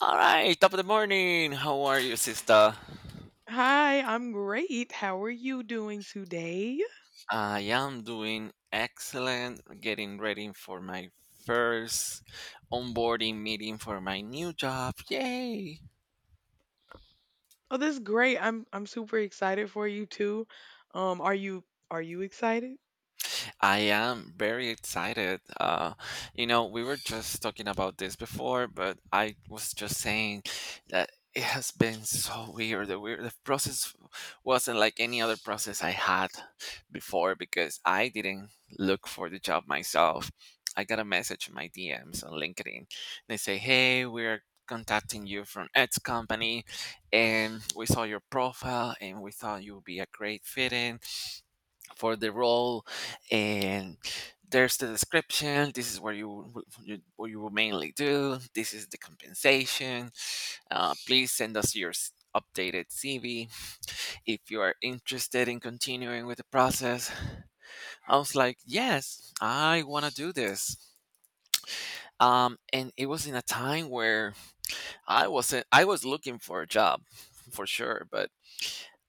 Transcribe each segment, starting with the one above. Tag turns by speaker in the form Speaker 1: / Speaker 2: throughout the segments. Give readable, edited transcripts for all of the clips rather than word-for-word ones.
Speaker 1: All right, top of the morning. How are you, sister?
Speaker 2: Hi, I'm great. How are you doing today?
Speaker 1: I am doing excellent. Getting ready for my first onboarding meeting for my new job. Yay!
Speaker 2: Oh, this is great. I'm super excited for you too. Are you are you excited?
Speaker 1: I am very excited. We were just talking about this before, but I was just saying that it has been so weird. The process wasn't like any other process I had before because I didn't look for the job myself. I got a message in my DMs on LinkedIn. They say, "Hey, we're contacting you from X company, and we saw your profile, and we thought you would be a great fit in" for the role. And there's the description. This is where you, you, what you will mainly do. This is the compensation. Please send us your updated CV if you are interested in continuing with the process. I was like, yes, I want to do this. And it was in a time where I wasn't I was looking for a job for sure, but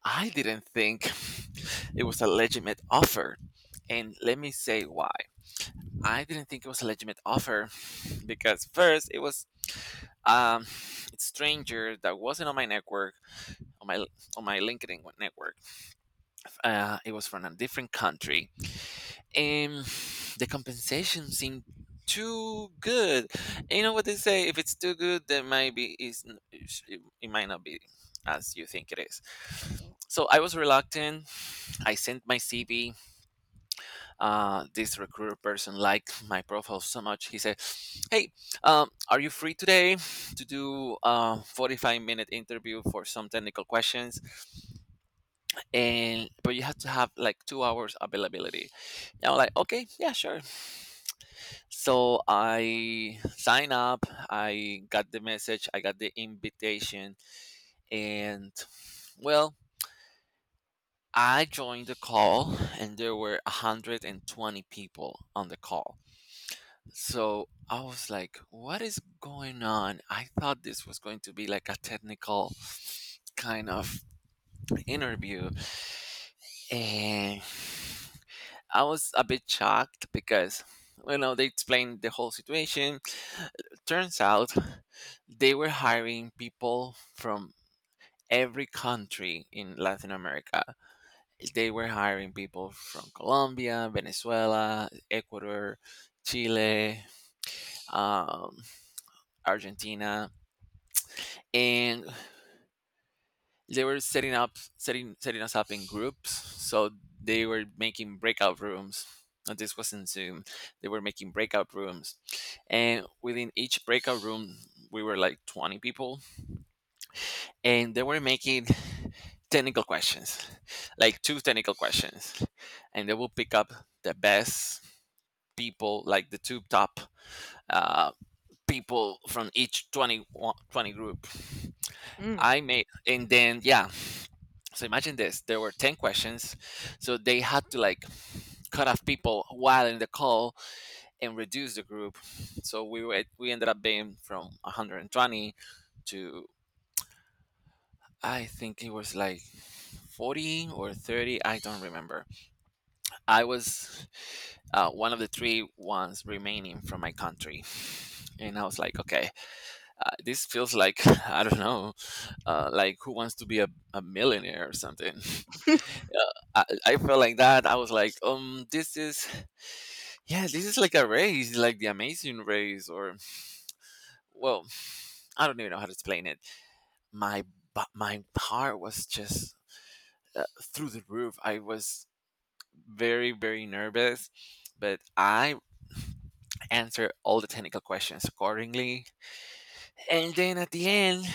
Speaker 1: I didn't think it was a legitimate offer. And let me say why I didn't think it was a legitimate offer. Because first, it was um it's stranger that wasn't on my network, on my on my LinkedIn network. It was from a different country, and the compensation seemed too good. And you know what they say? If it's too good, then maybe it might not be as you think it is.
Speaker 2: Oh.
Speaker 1: So I was reluctant. I sent my CV. This recruiter person liked my profile so much. He said, "Hey, are you free today to do a 45-minute interview for some technical questions? And but you have to have like 2 hours availability." And I'm like, "Okay, yeah, sure." So I sign up. I got the message. I got the invitation, and well, I joined the call, and there were 120 people on the call. So I was like, what is going on? I thought this was going to be like a technical kind of interview. And I was a bit shocked because, they explained the whole situation. Turns out they were hiring people from every country in Latin America. They were hiring people from Colombia, Venezuela, Ecuador, Chile, um, Argentina. And they were setting us up in groups. So they were making breakout rooms, and this was not Zoom. They were making breakout rooms, and within each breakout room we were like 20 people. And they were making technical questions, like two technical questions, and they will pick up the best people, like the two top uh, people from each 20, 20 group.
Speaker 2: Mm.
Speaker 1: I made, and then yeah. So imagine this: there were 10 questions, so they had to like cut off people while in the call and reduce the group. So we ended up being from 120 to, I think it was like 40 or 30. I don't remember. I was one of the three ones remaining from my country. And I was like, okay, this feels like, I don't know, like who wants to be a millionaire or something. I felt like that. I was like, this is, yeah, this is like a race, like the Amazing Race, or, well, I don't even know how to explain it. My my heart was just, through the roof. I was very, very nervous, but I answered all the technical questions accordingly. And then at the end,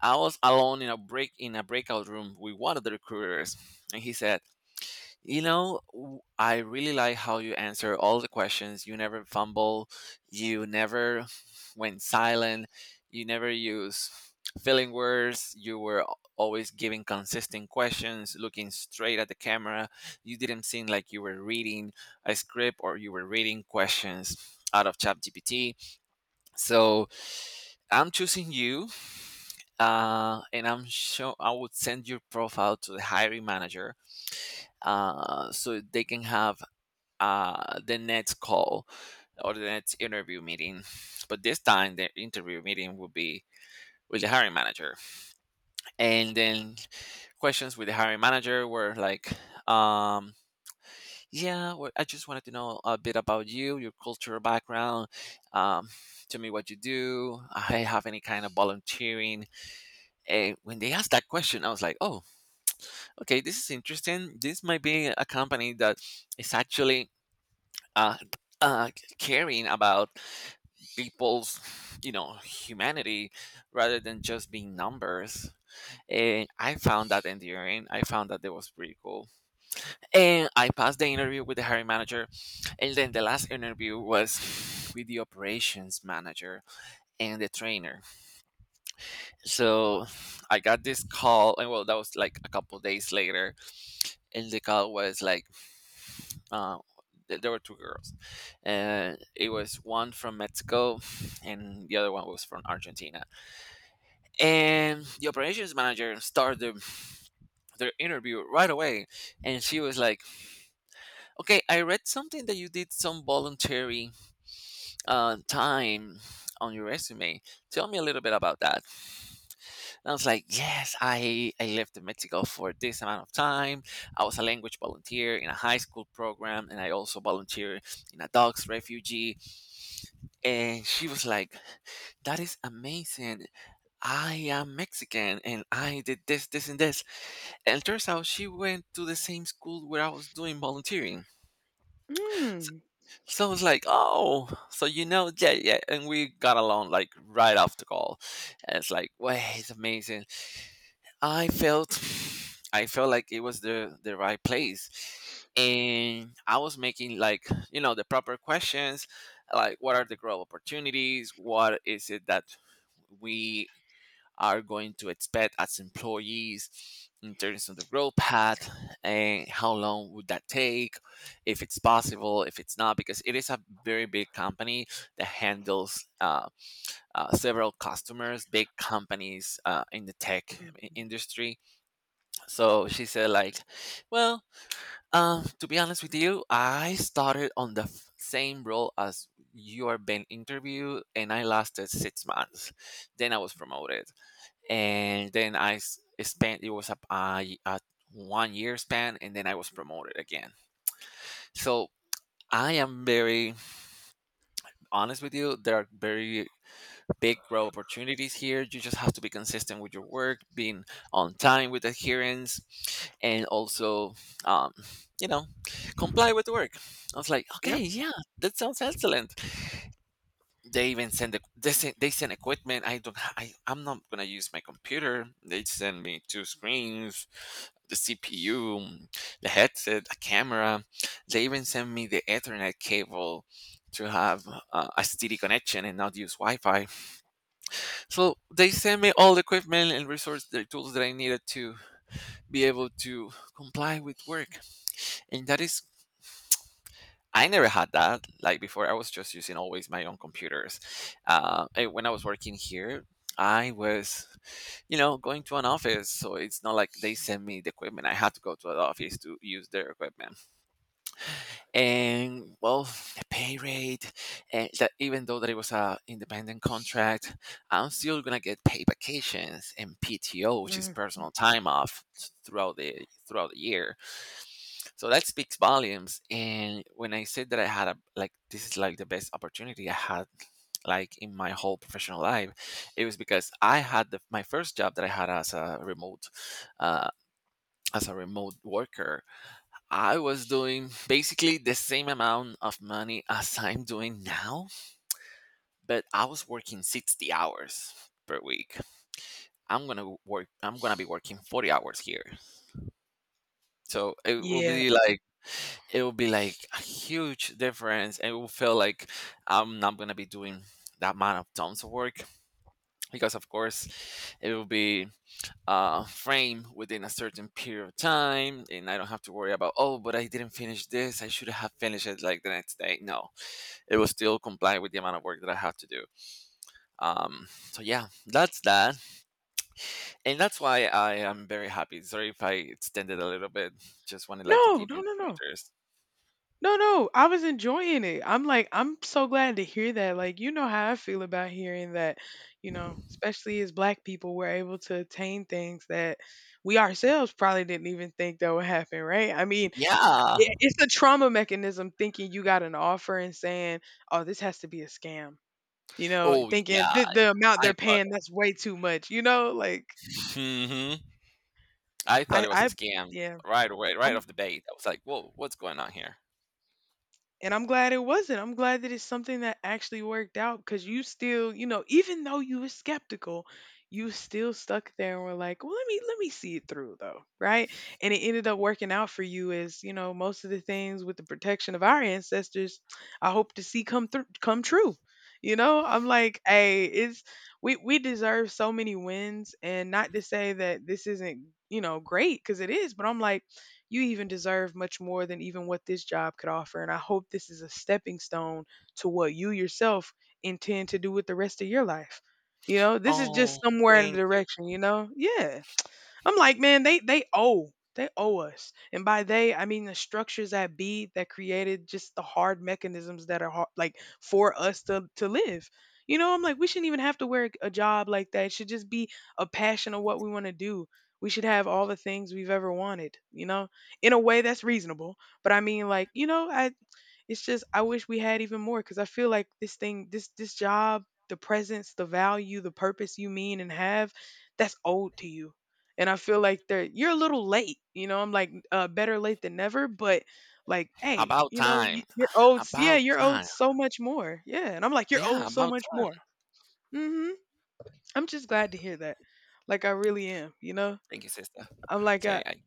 Speaker 1: I was alone in a breakout room with one of the recruiters, and he said, "You know, I really like how you answer all the questions. You never fumble, you never went silent, you never use feeling words, you were always giving consistent questions, looking straight at the camera. You didn't seem like you were reading a script or you were reading questions out of ChatGPT. So I'm choosing you. And I'm sure I would send your profile to the hiring manager, so they can have, the next call or the next interview meeting. But this time, the interview meeting will be with the hiring manager." And then questions with the hiring manager were like, um, yeah, well, I just wanted to know a bit about you, your cultural background, um, tell me what you do. I have any kind of volunteering. And when they asked that question, I was like, oh, okay, this is interesting. This might be a company that is actually, uh, uh, caring about people's, humanity, rather than just being numbers. And I found that endearing. I found that that was pretty cool. And I passed the interview with the hiring manager, and then the last interview was with the operations manager and the trainer. So I got this call, and well, that was like a couple days later. And the call was like, uh, there were two girls, and it was one from Mexico, and the other one was from Argentina. And the operations manager started their interview right away. And she was like, "Okay, I read something that you did some voluntary, time on your resume. Tell me a little bit about that." And I was like, "Yes, I lived in Mexico for this amount of time. I was a language volunteer in a high school program, and I also volunteered in a dog's refugee." And she was like, "That is amazing. I am Mexican and I did this, this, and this." And it turns out she went to the same school where I was doing volunteering. So,
Speaker 2: Mm.
Speaker 1: so I was like, oh, so you know, yeah, yeah. And we got along like right off the call. And it's like, wow, it's amazing. I felt, I felt like it was the right place. And I was making, like, you know, the proper questions, like what are the growth opportunities? What is it that we are going to expect as employees in terms of the growth path, and how long would that take, if it's possible, if it's not, because it is a very big company that handles, several customers, big companies, in the tech
Speaker 2: Mm.
Speaker 1: industry. So she said like, well, to be honest with you, I started on the same role as you are being interviewed, and I lasted 6 months, then I was promoted. And then spent, it was a 1 year span, and then I was promoted again. So I am very honest with you. There are very big growth opportunities here. You just have to be consistent with your work, being on time with adherence, and also, um, you know, comply with work. I was like, okay,
Speaker 2: Yep.
Speaker 1: yeah, that sounds excellent. They even they send equipment. I don't, I'm not gonna use my computer. They send me two screens, the CPU, the headset, a camera. They even send me the ethernet cable to have, a steady connection and not use wi-fi. So they send me all the equipment and resources, the tools that I needed to be able to comply with work. And that is, I never had that. Like before, I was just using always my own computers. And when I was working here, I was, you know, going to an office. So it's not like they sent me the equipment. I had to go to an office to use their equipment. And well, the pay rate, and that, even though that it was a independent contract, I'm still gonna get paid vacations and PTO, which is
Speaker 2: Mm.
Speaker 1: personal time off throughout the year. So that speaks volumes. And when I said that I had a, like, this is like the best opportunity I had, like, in my whole professional life, it was because I had my first job that I had as a remote, uh, as a remote worker. I was doing basically the same amount of money as I'm doing now, but I was working 60 hours per week. I'm gonna be working 40 hours here. So
Speaker 2: Yeah.
Speaker 1: it will be like a huge difference, and it will feel like I'm not going to be doing that amount of tons of work, because of course it will be, framed within a certain period of time, and I don't have to worry about, oh, but I didn't finish this, I should have finished it like the next day. No, it will still comply with the amount of work that I have to do. um, so yeah, that's that. And that's why I am very happy. Sorry if I extended a little bit. Just wanted like to
Speaker 2: No,
Speaker 1: give
Speaker 2: no,
Speaker 1: you
Speaker 2: no, no. No, no. I was enjoying it. I'm like, I'm so glad to hear that. Like, you know how I feel about hearing that, you know,
Speaker 1: pointers.
Speaker 2: especially as black people, we're able to attain things that we ourselves probably didn't even think that would happen, right? I mean, yeah,
Speaker 1: Yeah.
Speaker 2: it's a trauma mechanism thinking you got an offer and saying, "Oh, this has to be a scam." You know,
Speaker 1: Oh
Speaker 2: thinking
Speaker 1: yeah,
Speaker 2: the amount
Speaker 1: I
Speaker 2: they're
Speaker 1: thought,
Speaker 2: paying, that's way too much. You know, like
Speaker 1: mhm, I thought
Speaker 2: I
Speaker 1: it was a
Speaker 2: I
Speaker 1: scam
Speaker 2: yeah,
Speaker 1: right away, right
Speaker 2: I'm
Speaker 1: off the bat. I was like, "Whoa, what's going on here?"
Speaker 2: and I'm glad it wasn't. I'm glad that it's something that actually worked out because you still, you know, even though you were skeptical, you still stuck there and were like, well, let me see it through though, right? And it ended up working out for you as, you know, most of the things with the protection of our ancestors, I hope to see come through come true. You know, I'm like, hey, it's we deserve so many wins and not to say that this isn't, you know, great because it is, but I'm like you even deserve much more than even what this job could offer. And I hope this is a stepping stone to what you yourself intend to do with the rest of your life. You know, this is just
Speaker 1: Oh,
Speaker 2: somewhere in the
Speaker 1: thank you.
Speaker 2: direction, you know? Yeah. I'm like, man, they owe us, and by they I mean the structures that be that created just the hard mechanisms that are hard, like for us to live. You know, I'm like, we shouldn't even have to work a job like that. It should just be a passion of what we want to do. We should have all the things we've ever wanted, you know, in a way that's reasonable. But I mean, like, you know, I it's just I wish we had even more because I feel like this thing, this job, the presence, the value, the purpose you mean and have, that's old to you. And I feel like they're you're a little late, you know. I'm like better late than never, but like, hey,
Speaker 1: About
Speaker 2: you know,
Speaker 1: time.
Speaker 2: you're owed, yeah,
Speaker 1: About
Speaker 2: you're owed
Speaker 1: time.
Speaker 2: so much more, yeah. And I'm like, you're
Speaker 1: Yeah,
Speaker 2: owed so
Speaker 1: about
Speaker 2: much
Speaker 1: time.
Speaker 2: more. Hmm. I'm just glad to hear that. Like I really am, you know.
Speaker 1: Thank you, sister.
Speaker 2: I'm like
Speaker 1: Say,
Speaker 2: I,
Speaker 1: I,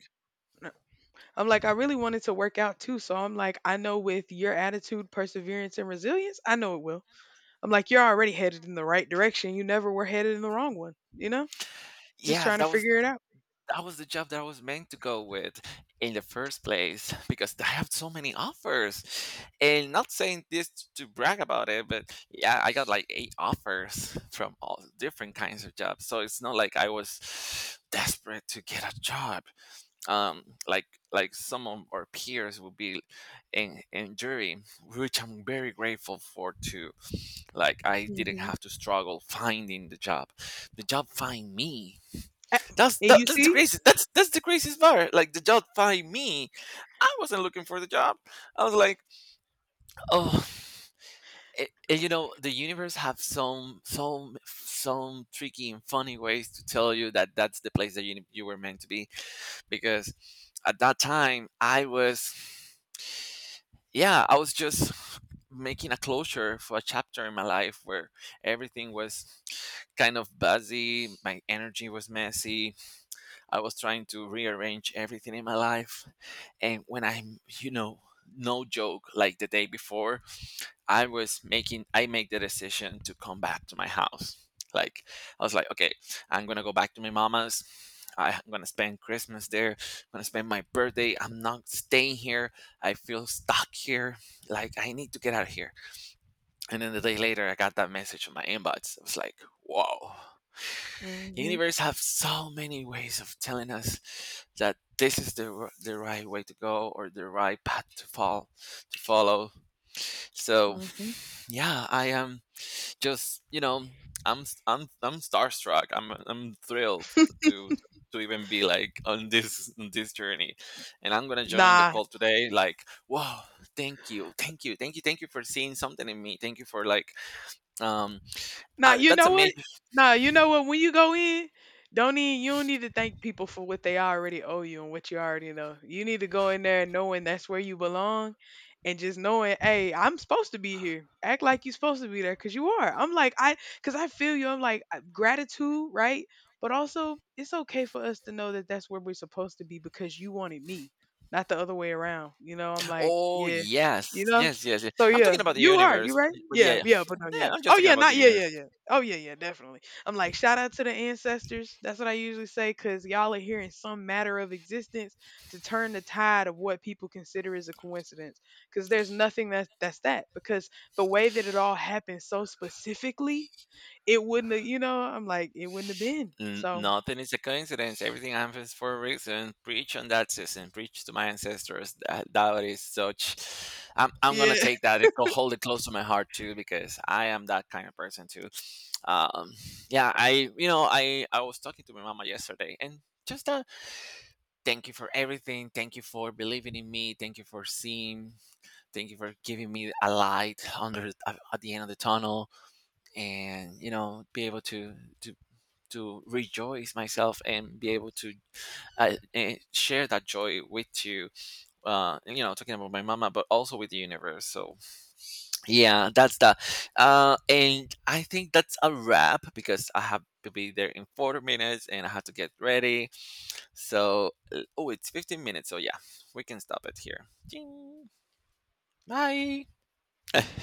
Speaker 2: I'm like, I really wanted to work out too. So I'm like, I know with your attitude, perseverance, and resilience, I know it will. I'm like, you're already headed in the right direction. You never were headed in the wrong one, you know? Just
Speaker 1: yes,
Speaker 2: trying to
Speaker 1: that was
Speaker 2: figure it out.
Speaker 1: that was the job that I was meant to go with in the first place because I have so many offers. And not saying this to brag about it, but yeah, I got like eight offers from all different kinds of jobs. So it's not like I was desperate to get a job. Um, like like some of our peers will be in jury, which I'm very grateful for too. Like I didn't
Speaker 2: Hmm.
Speaker 1: have to struggle finding the job. The job find me that's
Speaker 2: And
Speaker 1: that,
Speaker 2: you
Speaker 1: that's the
Speaker 2: see?
Speaker 1: craziest. That's the craziest part. Like the job find me, I wasn't looking for the job. I was like, oh, you know, the universe have some tricky and funny ways to tell you that that's the place that you were meant to be. Because at that time, yeah, I was just making a closure for a chapter in my life where everything was kind of buzzy. My energy was messy. I was trying to rearrange everything in my life. And when I'm, you know, no joke, like the day before, I made the decision to come back to my house. Like, I was like, okay, I'm going to go back to my mama's. I'm going to spend Christmas there. I'm going to spend my birthday. I'm not staying here. I feel stuck here. Like, I need to get out of here. And then the day later, I got that message in my inbox. I was like, whoa, the
Speaker 2: Hmm.
Speaker 1: universe have so many ways of telling us that this is the right way to go or the right path to fall to follow. So
Speaker 2: Hmm.
Speaker 1: yeah, I am just, you know, i'm I'm I'm starstruck. I'm thrilled to to even be like on this journey. And I'm gonna join the
Speaker 2: Nah.
Speaker 1: call today. Like, whoa, thank you for seeing something in me. Thank you for like um
Speaker 2: Nah,
Speaker 1: I,
Speaker 2: you
Speaker 1: that's
Speaker 2: know what?
Speaker 1: amazing.
Speaker 2: Nah, you know what? When you go in, don't need you don't need to thank people for what they already owe you and what you already know. You need to go in there knowing that's where you belong, and just knowing, hey, I'm supposed to be here. Act like you're supposed to be there, cause you are. I'm like I, cause I feel you. I'm like gratitude, right? But also, it's okay for us to know that that's where we're supposed to be because you wanted me, not the other way around. You know, I'm like,
Speaker 1: Oh,
Speaker 2: yeah,
Speaker 1: yes.
Speaker 2: you know.
Speaker 1: Yes, yes, yes.
Speaker 2: So
Speaker 1: I'm
Speaker 2: yeah,
Speaker 1: talking about the
Speaker 2: you are. You
Speaker 1: universe.
Speaker 2: right?
Speaker 1: But
Speaker 2: Yeah,
Speaker 1: yeah,
Speaker 2: yeah, but no,
Speaker 1: yeah,
Speaker 2: yeah.
Speaker 1: I'm just
Speaker 2: Oh
Speaker 1: talking
Speaker 2: yeah,
Speaker 1: about the
Speaker 2: not yeah,
Speaker 1: universe.
Speaker 2: yeah, yeah. Oh yeah, yeah, definitely. I'm like, shout out to the ancestors. That's what I usually say, cause y'all are here in some matter of existence to turn the tide of what people consider is a coincidence. Cause there's nothing that that's that. Because the way that it all happened so specifically, it wouldn't have, you know, I'm like, it wouldn't have been. So
Speaker 1: Nothing is a coincidence. Everything happens for a reason. Preach on that system. Preach to my ancestors. That is such. I'm going to
Speaker 2: yeah.
Speaker 1: take that and hold it close to my heart too, because I am that kind of person too. Um, yeah, you know, I was talking to my mama yesterday and just thank you for everything. Thank you for believing in me. Thank you for seeing. Thank you for giving me a light under at the end of the tunnel, and you know, be able to to to rejoice myself and be able to share that joy with you. You know, talking about my mama, but also with the universe. So yeah, that's the and I think that's a wrap because I have to be there in 40 minutes and I have to get ready. So, oh, it's 15 minutes. So, yeah, we can stop it here. Ding. Bye.